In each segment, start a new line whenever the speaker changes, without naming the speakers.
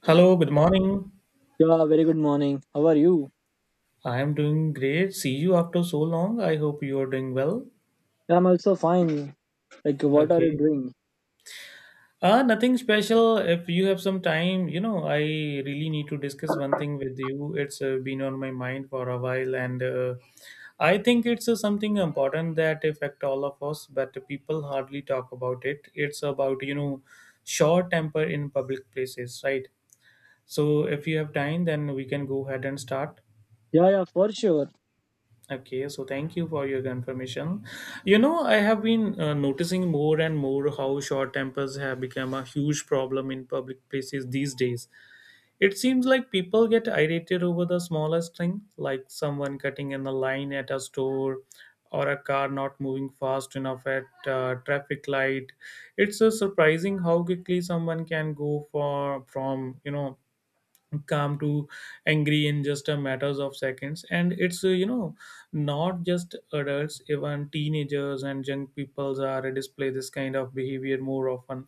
Hello, good morning.
Yeah, very good morning. How are you?
I am doing great. See you after so long. I hope you are doing well.
Yeah, I'm also fine. Like, what are you
Okay.
doing?
Nothing special. If you have some time, I really need to discuss one thing with you. It's been on my mind for a while, and I think it's something important that affect all of us, but people hardly talk about it. It's about, short temper in public places, right? So if you have time, then we can go ahead and start.
Yeah, yeah, for sure.
Okay, so thank you for your confirmation. You know, I have been noticing more and more how short tempers have become a huge problem in public places these days. It seems like people get irritated over the smallest thing, like someone cutting in the line at a store or a car not moving fast enough at a traffic light. It's surprising how quickly someone can go for from, calm to angry in just a matters of seconds, and it's not just adults, even teenagers and young peoples are display this kind of behavior more often.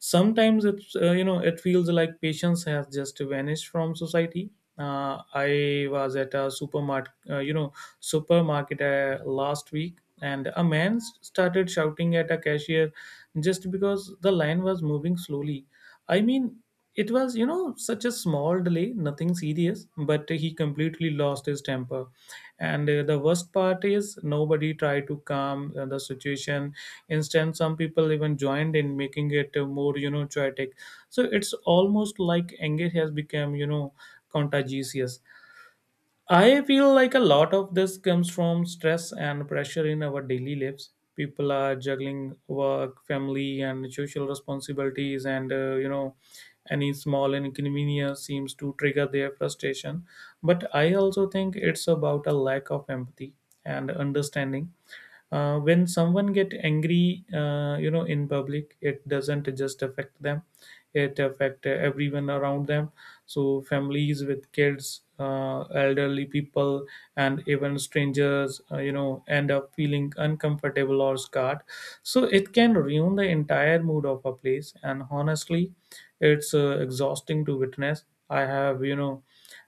Sometimes it's it feels like patience has just vanished from society. I was at a supermarket, supermarket last week, and a started shouting at a cashier just because the line was moving slowly. I mean, it was, you know, such a small delay, nothing serious, but he completely lost his temper. And the worst part is nobody tried to calm the situation. Instead, some people even joined in, making it more, you know, chaotic. So it's almost like anger has become, you know, contagious. I feel like a lot of this comes from stress and pressure in our daily lives. People are juggling work, family, and social responsibilities, and any small inconvenience seems to trigger their frustration. But I also think it's about a lack of empathy and understanding. When someone get angry, in public, it doesn't just affect them, it affect everyone around them. So families with kids, elderly people, and even strangers end up feeling uncomfortable or scarred. So it can ruin the entire mood of a place, and honestly, it's exhausting to witness. I have, you know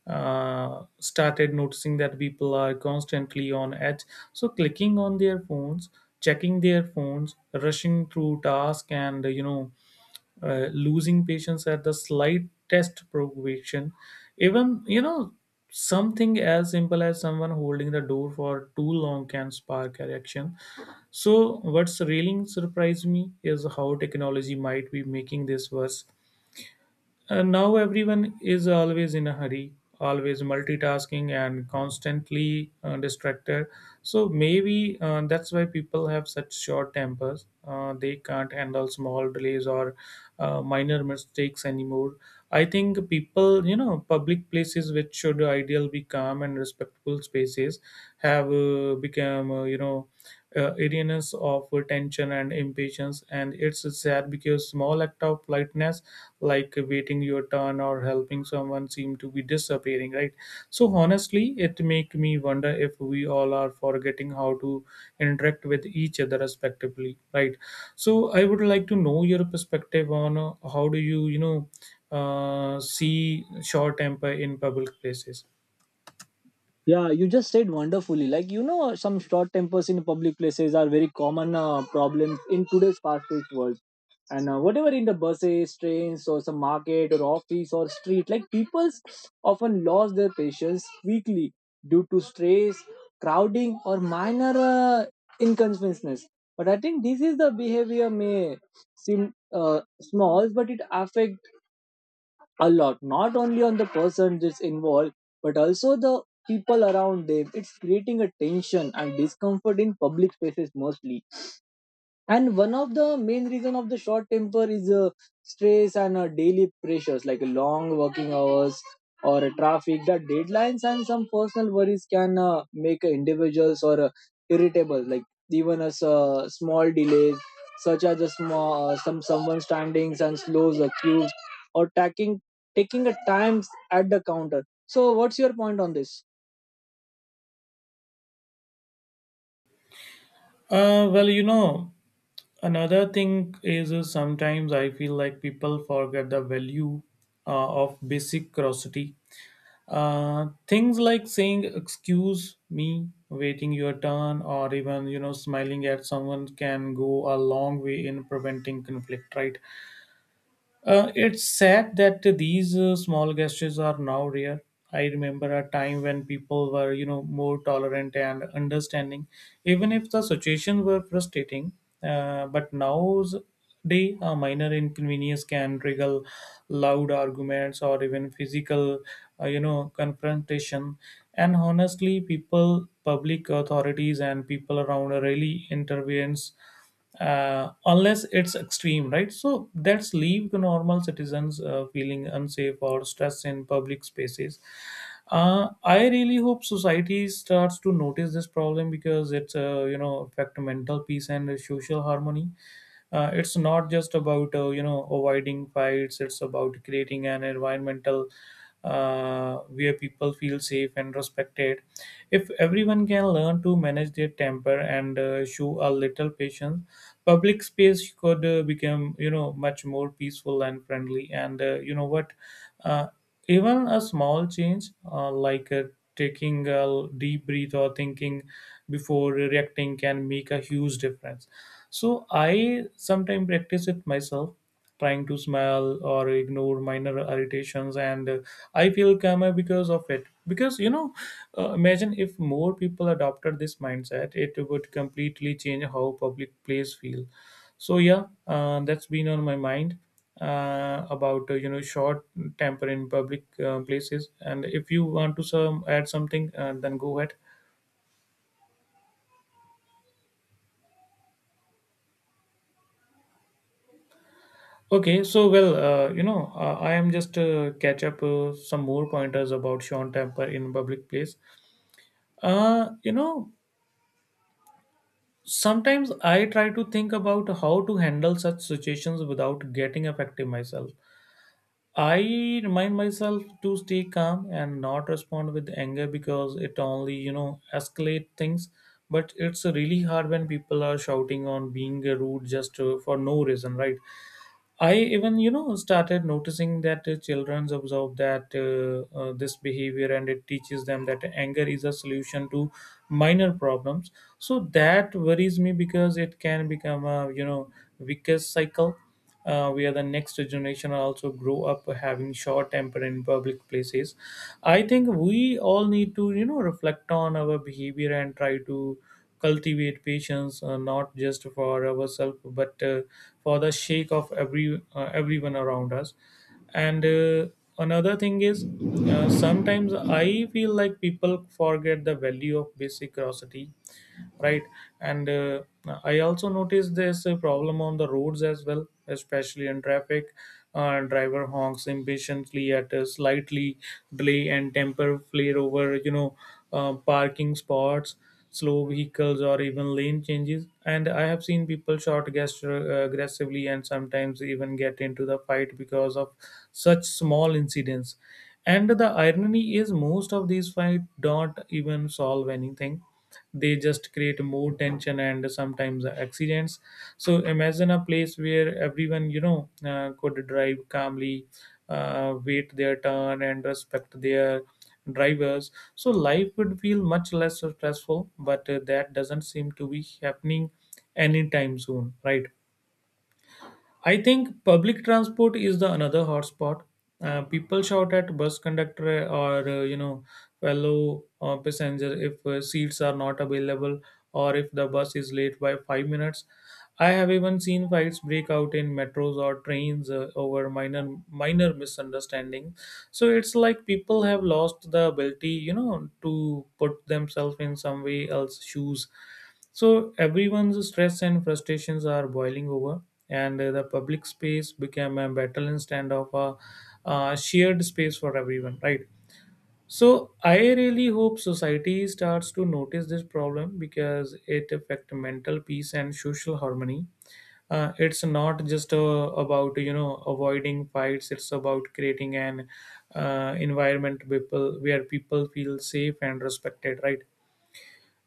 uh, started noticing that people are constantly on edge, so clicking on their phones, checking their phones, rushing through tasks, and losing patience at the slightest provocation. Even, something as simple as someone holding the door for too long can spark a reaction. So what's really surprised me is how technology might be making this worse, and now everyone is always in a hurry, always multitasking, and constantly distracted. So maybe that's why people have such short tempers. They can't handle small delays or minor mistakes anymore. I think people, you know, public places which should ideal be calm and respectful spaces have become areaness of tension and impatience, and it's sad because small act of politeness, like waiting your turn or helping someone, seem to be disappearing, right? So honestly, it make me wonder if we all are forgetting how to interact with each other respectively, right? So I would like to know your perspective on how do you you know see short temper in public places.
Yeah, you just said wonderfully. Like, you know, some short tempers in public places are very common problem in today's fast-paced world. And whatever in the buses trains or some market or office or street, like people often lost their patience quickly due to stress, crowding or minor inconveniences. But I think this is the behavior may seem small but it affect a lot, not only on the person that's involved but also the people around them. It's creating a tension and discomfort in public spaces mostly. And one of the main reason of the short temper is stress and daily pressures, like long working hours or traffic that deadlines and some personal worries can make individuals or irritable, like even as small delays, such as a small some someone standings and slows a queue or taking a times at the counter. So what's your point on this?
Well, you know, another thing is sometimes I feel like people forget the value of basic curiosity. Things like saying "excuse me," waiting your turn, or even, you know, smiling at someone can go a long way in preventing conflict. Right? It's sad that these small gestures are now rare. I remember a time when people were, you know, more tolerant and understanding, even if the situation were frustrating. But nowadays, a minor inconvenience can trigger loud arguments or even physical, confrontation. And honestly, people, public authorities, and people around really intervenes unless it's extreme, right? So that's leave the normal citizens feeling unsafe or stressed in public spaces. I really hope society starts to notice this problem because it's affect mental peace and social harmony. It's not just about, avoiding fights. It's about creating an environmental where people feel safe and respected. If everyone can learn to manage their temper and show a little patience, public space could become, you know, much more peaceful and friendly. And you know what? uh, Even a small change, like taking a deep breath or thinking before reacting, can make a huge difference. So I sometimes practice it myself, trying to smile or ignore minor irritations, and I feel calmer because of it. Because, you know, imagine if more people adopted this mindset, it would completely change how public place feel. So yeah, that's been on my mind about, short temper in public places. And if you want to some add something, then go ahead. Okay, so well, I am just catch up some more pointers about Sean Temper in public place. You know, sometimes I try to think about how to handle such situations without getting affected myself. I remind myself to stay calm and not respond with anger because it only, you know, escalate things. But it's really hard when people are shouting on being rude just for no reason, right? I even, you know, started noticing that children observe that this behavior, and it teaches them that anger is a solution to minor problems. So that worries me because it can become a, you know, vicious cycle where the next generation also grow up having short temper in public places. I think we all need to, you know, reflect on our behavior and try to cultivate patience, not just for ourselves but for the sake of everyone around us. And Another thing is, sometimes I feel like people forget the value of basic curiosity, right? And uh, i also noticed this problem on the roads as well, especially in traffic. Driver honks impatiently at a slightly delay, and temper flare over, parking spots, slow vehicles, or even lane changes. And I have seen people short gesture aggressively and sometimes even get into the fight because of such small incidents. And the irony is most of these fights don't even solve anything. They just create more tension and sometimes accidents. So imagine a place where everyone, could drive calmly, wait their turn, and respect their drivers. So life would feel much less stressful, but that doesn't seem to be happening anytime soon, right? I think public transport is the another hotspot. People shout at bus conductor or, fellow passenger if seats are not available, or if the bus is late by 5 minutes. I have even seen fights break out in metros or trains over minor misunderstanding. So it's like people have lost the ability, you know, to put themselves in some way else shoes. So everyone's stress and frustrations are boiling over, and the public space became a battle instead of a, shared space for everyone, right? So I really hope society starts to notice this problem because it affects mental peace and social harmony. It's not just about, avoiding fights. It's about creating an environment people where people feel safe and respected, right?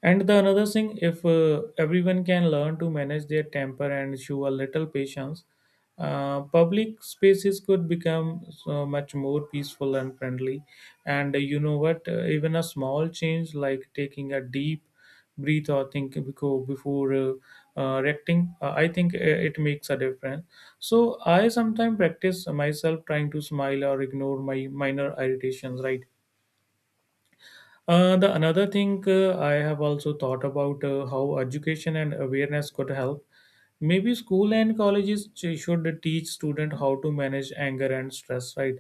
And the another thing, if everyone can learn to manage their temper and show a little patience, public spaces could become so much more peaceful and friendly. And you know what? Even a small change like taking a deep breathe or before reacting, I think it makes a difference. So I sometimes practice myself, trying to smile or ignore my minor irritations, right? The another thing I have also thought about how education and awareness could help. Maybe school and colleges should teach student how to manage anger and stress, right?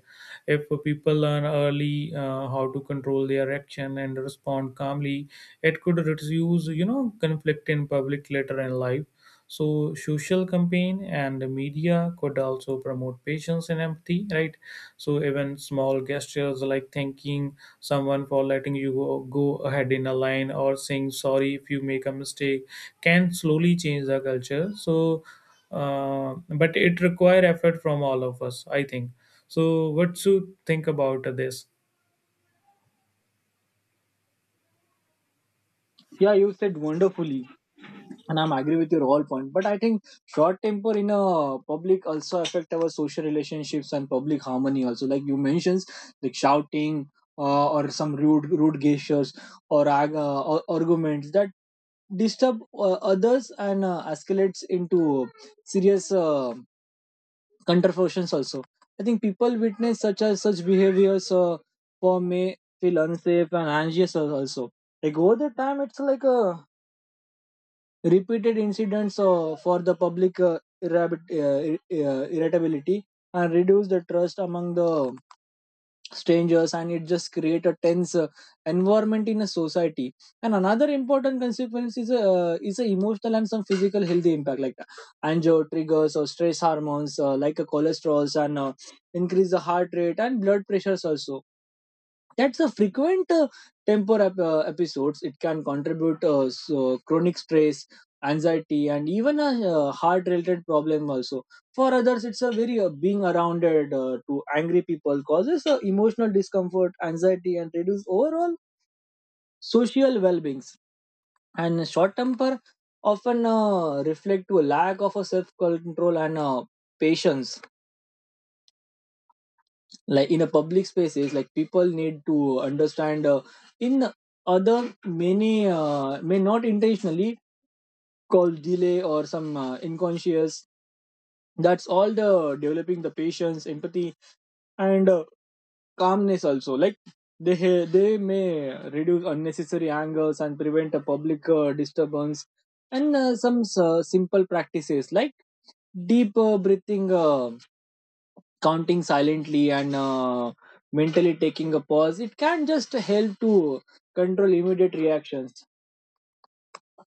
If people learn early how to control their action and respond calmly, it could reduce conflict in public later in life. So social campaign and the media could also promote patience and empathy, right? So even small gestures like thanking someone for letting you go ahead in a line or saying sorry if you make a mistake can slowly change the culture. So but it require effort from all of us, I think. So what you think about this?
Yeah, you said wonderfully. And I'm agree with your all point, but I think short temper in a public also affect our social relationships and public harmony also, like you mentioned, like shouting or some rude gestures, or arguments that disturb others and escalates into serious controversies also. I think people witness such as such behaviors for may feel unsafe and anxious also. Like over the time it's like a repeated incidents for the public irritability and reduce the trust among the strangers, and it just create a tense environment in a society. And another important consequence is a emotional and some physical healthy impact, like anger triggers or stress hormones like a cholesterols and increase the heart rate and blood pressures also. That's a frequent temper episodes, it can contribute so chronic stress, anxiety and even a heart related problem also. For others, it's a very being arounded to angry people causes emotional discomfort, anxiety, and reduce overall social well-beings. And short temper often reflect to a lack of a self-control and patience. Like in a public spaces, like people need to understand in other many may not intentionally cause delay or some unconscious. That's all the developing the patience, empathy, and calmness also, like they may reduce unnecessary angers and prevent a public disturbance. And some simple practices like deep breathing, counting silently and mentally taking a pause, it can just help to control immediate reactions.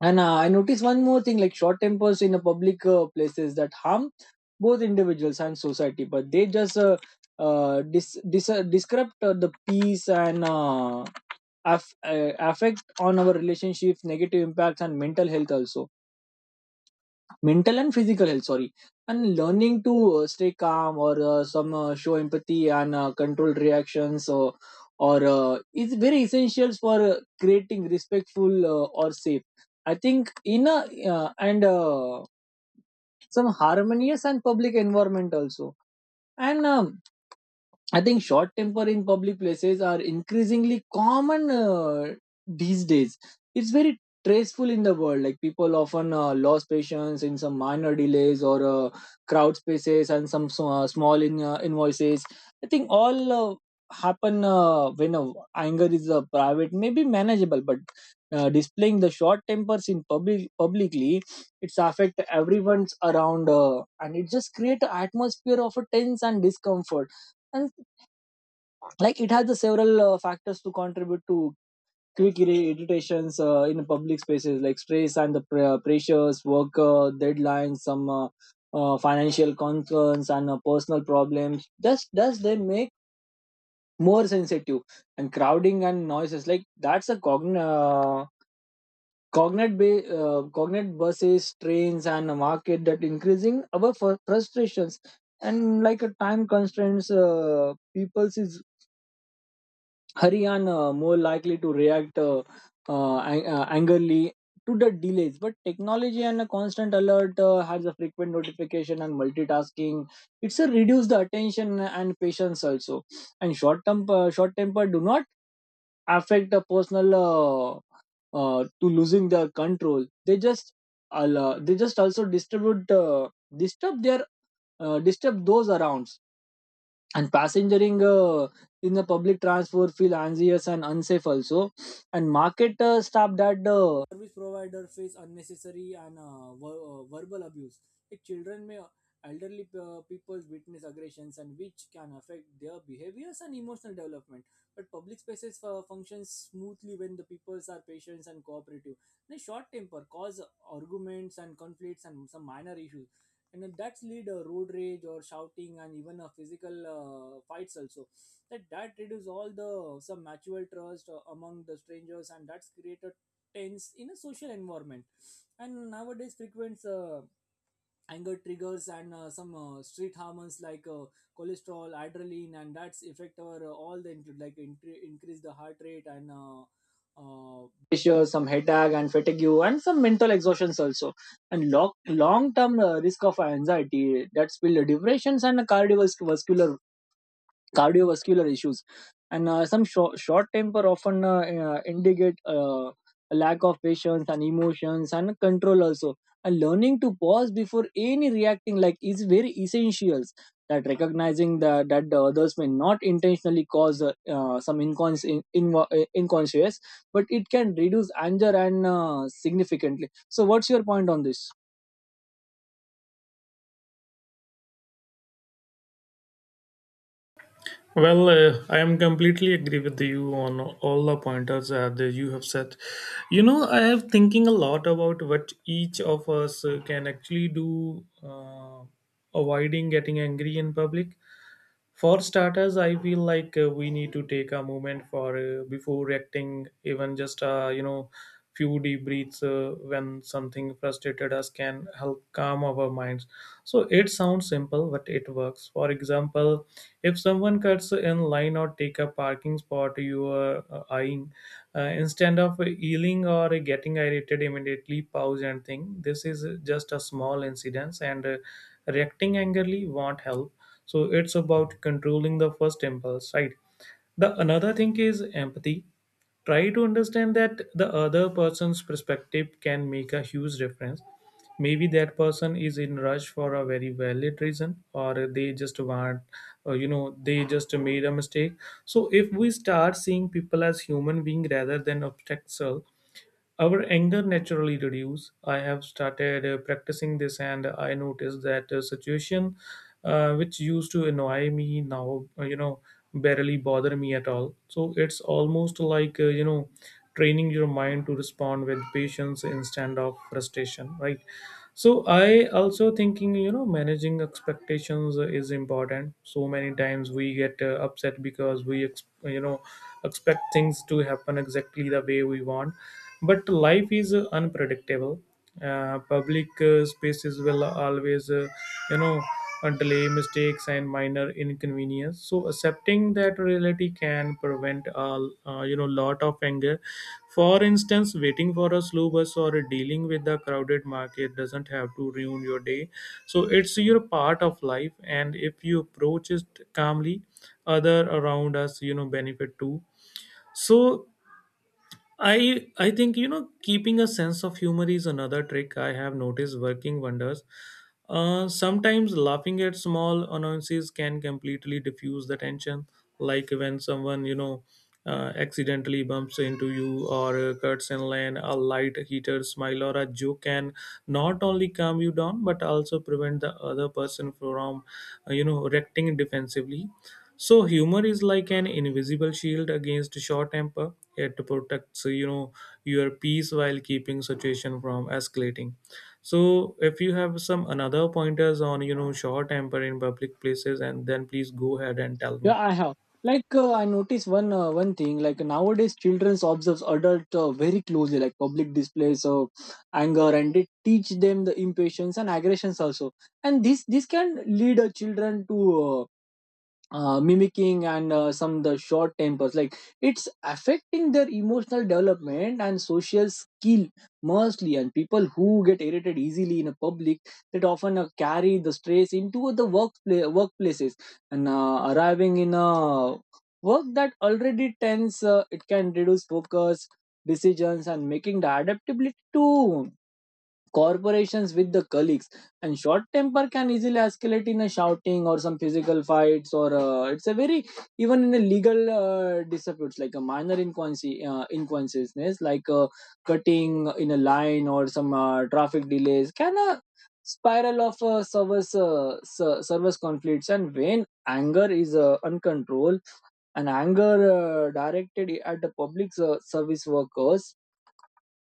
And I noticed one more thing, like short tempers in a public places that harm both individuals and society, but they just disrupt the peace and affect on our relationships, negative impacts and mental health also, mental and physical health sorry. And learning to stay calm or some show empathy and control reactions or is very essential for creating respectful or safe, I think, in a and some harmonious and public environment also. And I think short temper in public places are increasingly common these days. It's very stressful in the world. Like people often lose patience in some minor delays or crowd spaces and some small invoices. I think all happen when anger is private, maybe manageable, but displaying the short tempers in public publicly, it's affect everyone's around, and it just create an atmosphere of a tense and discomfort. And like it has the several factors to contribute to quick irritations in public spaces, like stress and the pressures, work deadlines, some financial concerns and personal problems just does they make more sensitive. And crowding and noises like that's a cognate buses, trains and a market that increasing our frustrations. And like a time constraints, people's is Haryana more likely to react angrily to the delays. But technology and a constant alert has a frequent notification and multitasking. It's a reduce the attention and patience also. And short temper do not affect the personal, to losing the control. They just also distribute disturb their disturb those around, and passengering in the public transport feel anxious and unsafe also. And market staff that service provider face unnecessary and verbal abuse, like children may elderly people witness aggressions, and which can affect their behaviors and emotional development. But public spaces functions smoothly when the peoples are patient and cooperative. The short temper cause arguments and conflicts and some minor issues, and then that's lead a road rage or shouting and even a physical fights also. That reduce all the some mutual trust among the strangers, and that's created tense in a social environment. And nowadays frequents anger triggers and some street hormones like cholesterol, adrenaline, and that's affect our all the include, like increase the heart rate and pressure, some headache and fatigue and some mental exhaustions also. And long term risk of anxiety, that's build depressions and cardiovascular issues. And some short temper often indicate a lack of patience and emotions and control also. And learning to pause before any reacting like is very essentials, that recognizing that the others may not intentionally cause some inconscious, but it can reduce anger and significantly. So what's your point on this?
Well, I am completely agree with you on all the pointers that you have said. You know, I have thinking a lot about what each of us can actually do, uh, avoiding getting angry in public. For starters, I feel like we need to take a moment for before reacting, even just few deep breaths when something frustrated us can help calm our minds. So it sounds simple, but it works. For example, if someone cuts in line or take a parking spot you are eyeing, instead of yelling or getting irritated immediately, pause and think. This is just a small incident, and reacting angrily won't help. So it's about controlling the first impulse, right? The another thing is empathy. Try to understand that the other person's perspective can make a huge difference. Maybe that person is in rush for a very valid reason, or they just want they just made a mistake. So if we start seeing people as human being rather than obstacle, our anger naturally reduce. I have started practicing this, and I noticed that a situation which used to annoy me now, barely bother me at all. So it's almost like training your mind to respond with patience instead of frustration, right? So I also thinking, managing expectations is important. So many times we get upset because expect things to happen exactly the way we want. But life is unpredictable. Public spaces will always you know delay mistakes and minor inconvenience. So accepting that reality can prevent a lot of anger. For instance, waiting for a slow bus or dealing with the crowded market doesn't have to ruin your day. So it's your part of life, and if you approach it calmly, other around us benefit too. So I think, keeping a sense of humor is another trick I have noticed working wonders. Sometimes laughing at small annoyances can completely diffuse the tension, like when someone accidentally bumps into you or cuts in line. A light heated smile or a joke can not only calm you down but also prevent the other person from reacting defensively. So humor is like an invisible shield against short temper. It protects your peace while keeping situation from escalating. So if you have some another pointers on short temper in public places, and then please go ahead and tell me.
Yeah, I have. Like I noticed one thing. Like nowadays, children observes adult very closely. Like public displays of anger, and they teach them the impatience and aggressions also. And this can lead children to mimicking and some the short tempers, like it's affecting their emotional development and social skill mostly. And people who get irritated easily in a public, that often carry the stress into the workplaces, and arriving in a work that already tense, it can reduce focus, decisions and making the adaptability to corporations with the colleagues. And short temper can easily escalate in a shouting or some physical fights, or it's a very even in a legal disputes, like a minor inconsistencies, like cutting in a line or some traffic delays, can spiral of service service conflicts, and when anger is uncontrolled and anger directed at the public service workers,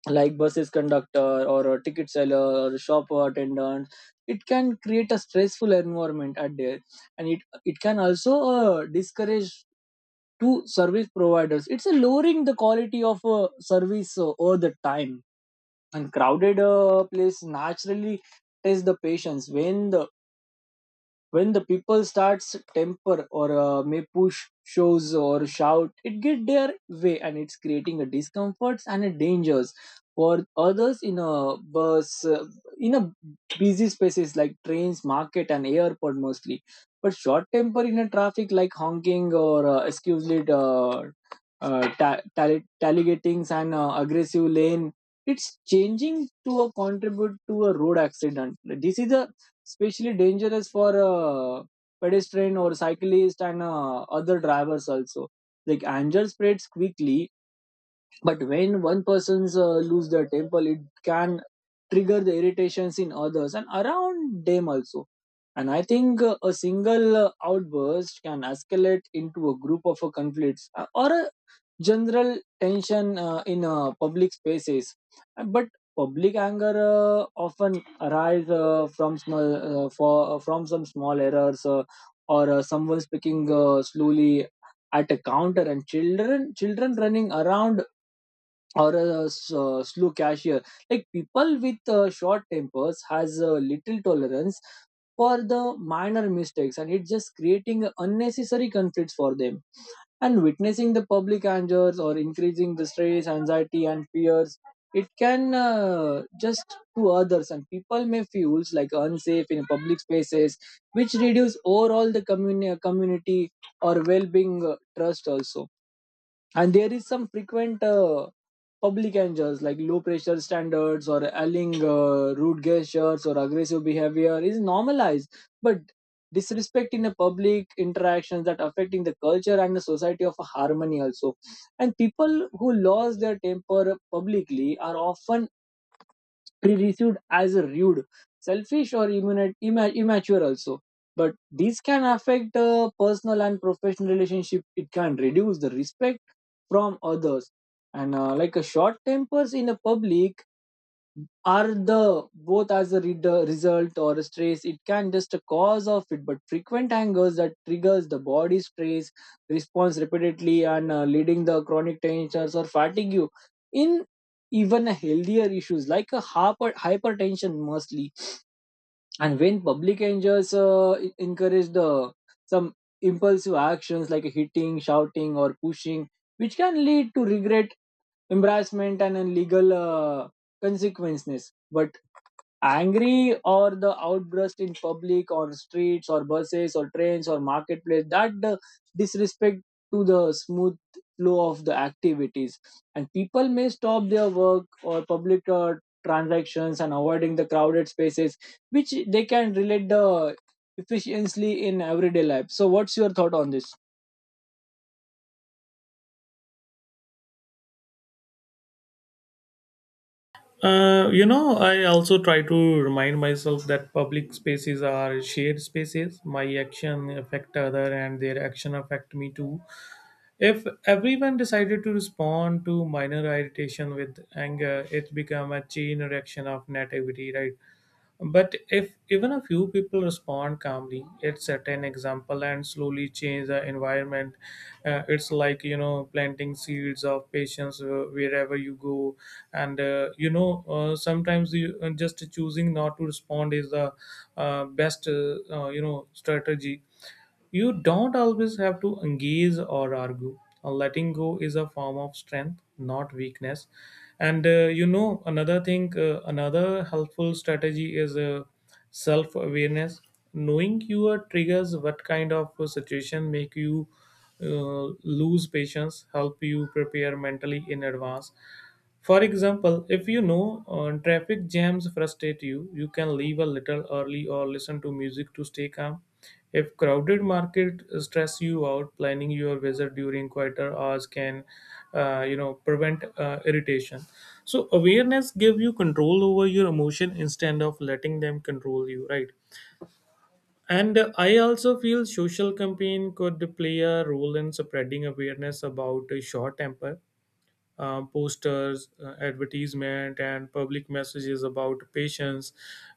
like buses conductor or a ticket seller or a shop attendant, it can create a stressful environment at there. And it can also discourage to service providers, it's lowering the quality of service over the time. And crowded place naturally test the patience, when the people starts temper or may push shows or shout it get their way, and it's creating a discomforts and a dangers for others in a bus, in a busy spaces like trains, market and airport mostly. But short temper in a traffic, like honking or excusely tallygatings and aggressive lane, it's changing to a contribute to a road accident. This is a especially dangerous for pedestrian or cyclist and other drivers also. Like anger spreads quickly, but when one person's lose their temper, it can trigger the irritations in others and around them also. And I think a single outburst can escalate into a group of conflicts or a general tension in public spaces. But public anger often arise from some small errors, or someone speaking slowly at a counter, and children running around, or a slow cashier, like people with short tempers has little tolerance for the minor mistakes, and it's just creating unnecessary conflicts for them. And witnessing the public anger or increasing the stress, anxiety and fears, it can just to others, and people may feel like unsafe in public spaces, which reduce overall the community or well-being trust also. And there is some frequent public angles like low pressure standards or yelling rude gestures or aggressive behavior is normalized, but disrespect in the public interactions that affecting the culture and the society of harmony also. And people who lost their temper publicly are often be received as a rude, selfish, or immature also. But these can affect personal and professional relationship. It can reduce the respect from others, and like a short tempers in the public are the both as a reader result or a stress, it can just a cause of it, but frequent angers that triggers the body stress response repeatedly and leading the chronic tensions or fatigue in even a healthier issues like a hypertension mostly. And when public angers encourage the some impulsive actions like hitting, shouting, or pushing, which can lead to regret, embarrassment, and legal consequences, but angry or the outburst in public on streets or buses or trains or marketplace, that the disrespect to the smooth flow of the activities, and people may stop their work or public transactions and avoiding the crowded spaces, which they can relate the efficiently in everyday life. So what's your thought on this?
I also try to remind myself that public spaces are shared spaces. My action affect other, and their action affect me too. If everyone decided to respond to minor irritation with anger, it become a chain reaction of negativity, right? But if even a few people respond calmly, it set an example and slowly change the environment. It's like planting seeds of patience wherever you go, and sometimes you just choosing not to respond is the best strategy. You don't always have to engage or argue. Letting go is a form of strength, not weakness. And another thing, another helpful strategy is self awareness. Knowing your triggers, what kind of situation make you lose patience, help you prepare mentally in advance. For example, if you know traffic jams frustrate you, you can leave a little early or listen to music to stay calm. If crowded market stress you out, planning your visit during quieter hours can, prevent irritation. So awareness give you control over your emotion instead of letting them control you, right? And I also feel social campaign could play a role in spreading awareness about short temper. Posters, advertisement, and public messages about patience,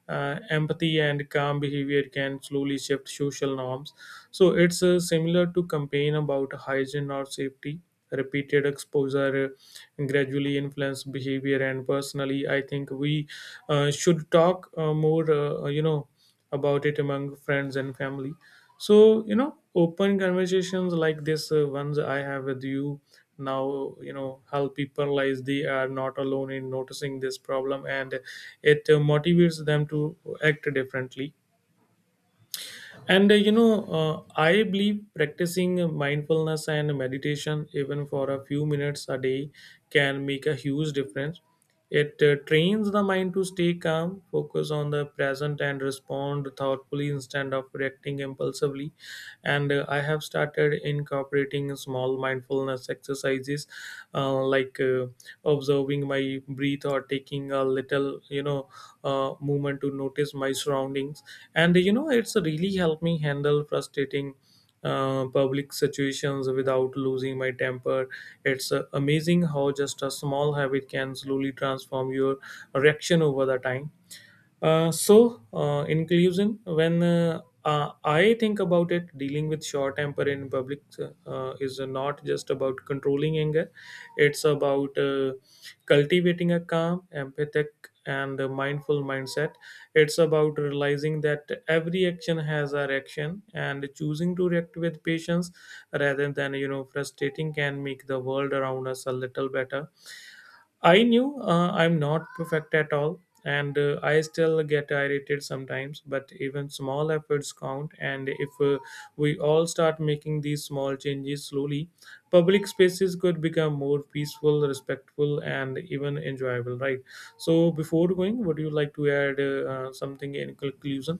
empathy, and calm behavior can slowly shift social norms. So it's similar to campaign about hygiene or safety. Repeated exposure gradually influence behavior, and personally, I think we should talk more. About it among friends and family. So open conversations like this ones I have with you now help people realize they are not alone in noticing this problem, and it motivates them to act differently. And I believe practicing mindfulness and meditation, even for a few minutes a day, can make a huge difference. It trains the mind to stay calm, focus on the present, and respond thoughtfully instead of reacting impulsively. And I have started incorporating small mindfulness exercises, like observing my breath or taking a little movement to notice my surroundings. And it's really helped me handle frustrating public situations without losing my temper. It's amazing how just a small habit can slowly transform your reaction over the time. So in conclusion, when I think about it, dealing with short temper in public is not just about controlling anger, it's about cultivating a calm, empathetic, and a mindful mindset. It's about realizing that every action has a reaction, and choosing to react with patience rather than frustrating can make the world around us a little better. I knew I'm not perfect at all, and I still get irritated sometimes, but even small efforts count. And if we all start making these small changes slowly, public spaces could become more peaceful, respectful, and even enjoyable, right? So, before going, would you like to add something in conclusion?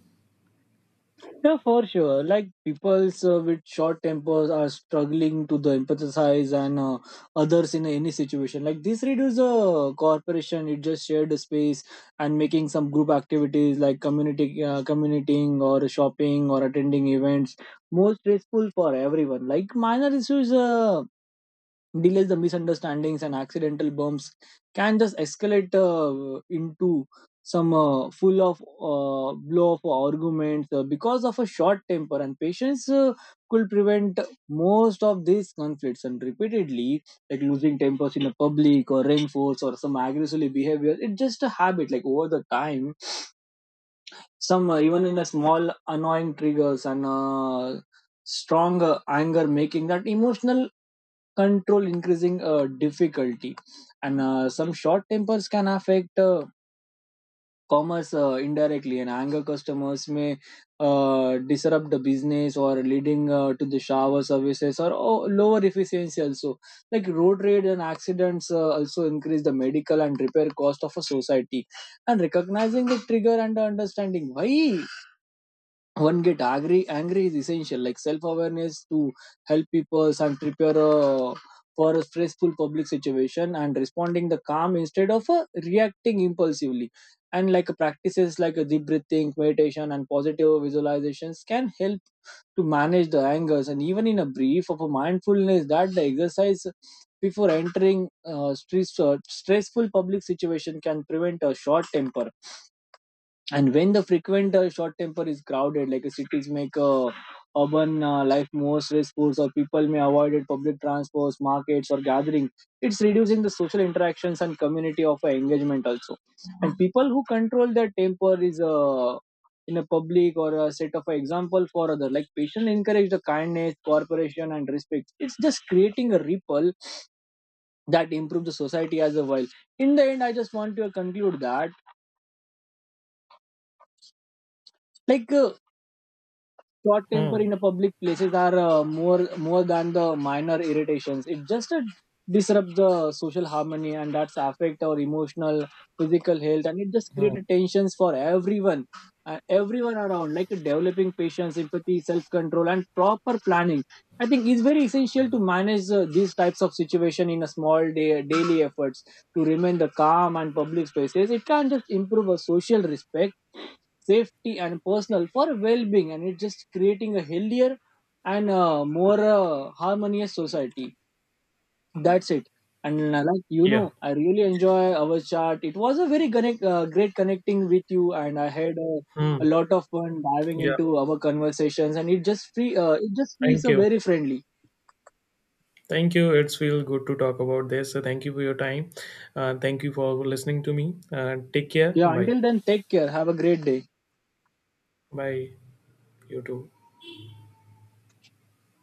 Yeah, for sure. Like people with short tempers are struggling to the empathize and others in any situation. Like this reduces corporation. It just shared the space and making some group activities like community commuting or shopping or attending events more stressful for everyone. Like minor issues. Delays the misunderstandings and accidental bumps can just escalate into some full of blow of arguments because of a short temper, and patience could prevent most of these conflicts, and repeatedly like losing tempers in a public or reinforce or some aggressive behavior, it's just a habit like over the time some even in a small annoying triggers and strong anger making that emotional control increasing difficulty. And some short tempers can affect commerce indirectly, and anger customers may disrupt the business or leading to the shower services or oh, lower efficiency also. Like road rage and accidents also increase the medical and repair cost of a society. And recognizing the trigger and understanding why one get angry is essential, like self-awareness to help people and prepare for a stressful public situation and responding the calm instead of reacting impulsively. And like practices like a deep breathing meditation and positive visualizations can help to manage the angers, and even in a brief of a mindfulness that the exercise before entering stressful public situation can prevent a short temper. And when the frequent short temper is crowded like cities make urban life more stressful, or people may avoid it public transports, markets, or gatherings, it's reducing the social interactions and community of engagement also. And people who control their temper is in a public or a set of an example for other, like patient encourage the kindness, cooperation, and respect, it's just creating a ripple that improves the society as a whole. In the end, I just want to conclude that like uh, short temper
Hmm.
in a public places are , more than the minor irritations, it just disrupts the social harmony, and that's affect our emotional, physical health, and it just
Hmm.
create tensions for everyone, everyone around. Like developing patience, empathy, self-control, and proper planning, I think is very essential to manage these types of situation. In a small day daily efforts to remain the calm and public spaces, it can just improve our social respect, safety, and personal for well-being, and it's just creating a healthier and more harmonious society. That's it. And uh, like you
Yeah.
know I really enjoy our chat. It was a great connecting with you, and I had a,
Hmm.
a lot of fun diving
Yeah.
into our conversations, and it just free it just feels
Thank
so
you.
very friendly.
Thank you. It's feel good to talk about this. So thank you for your time. Thank you for listening to me. Take care.
Yeah,
Bye.
until then, take care, have a great day.
Bye. You too.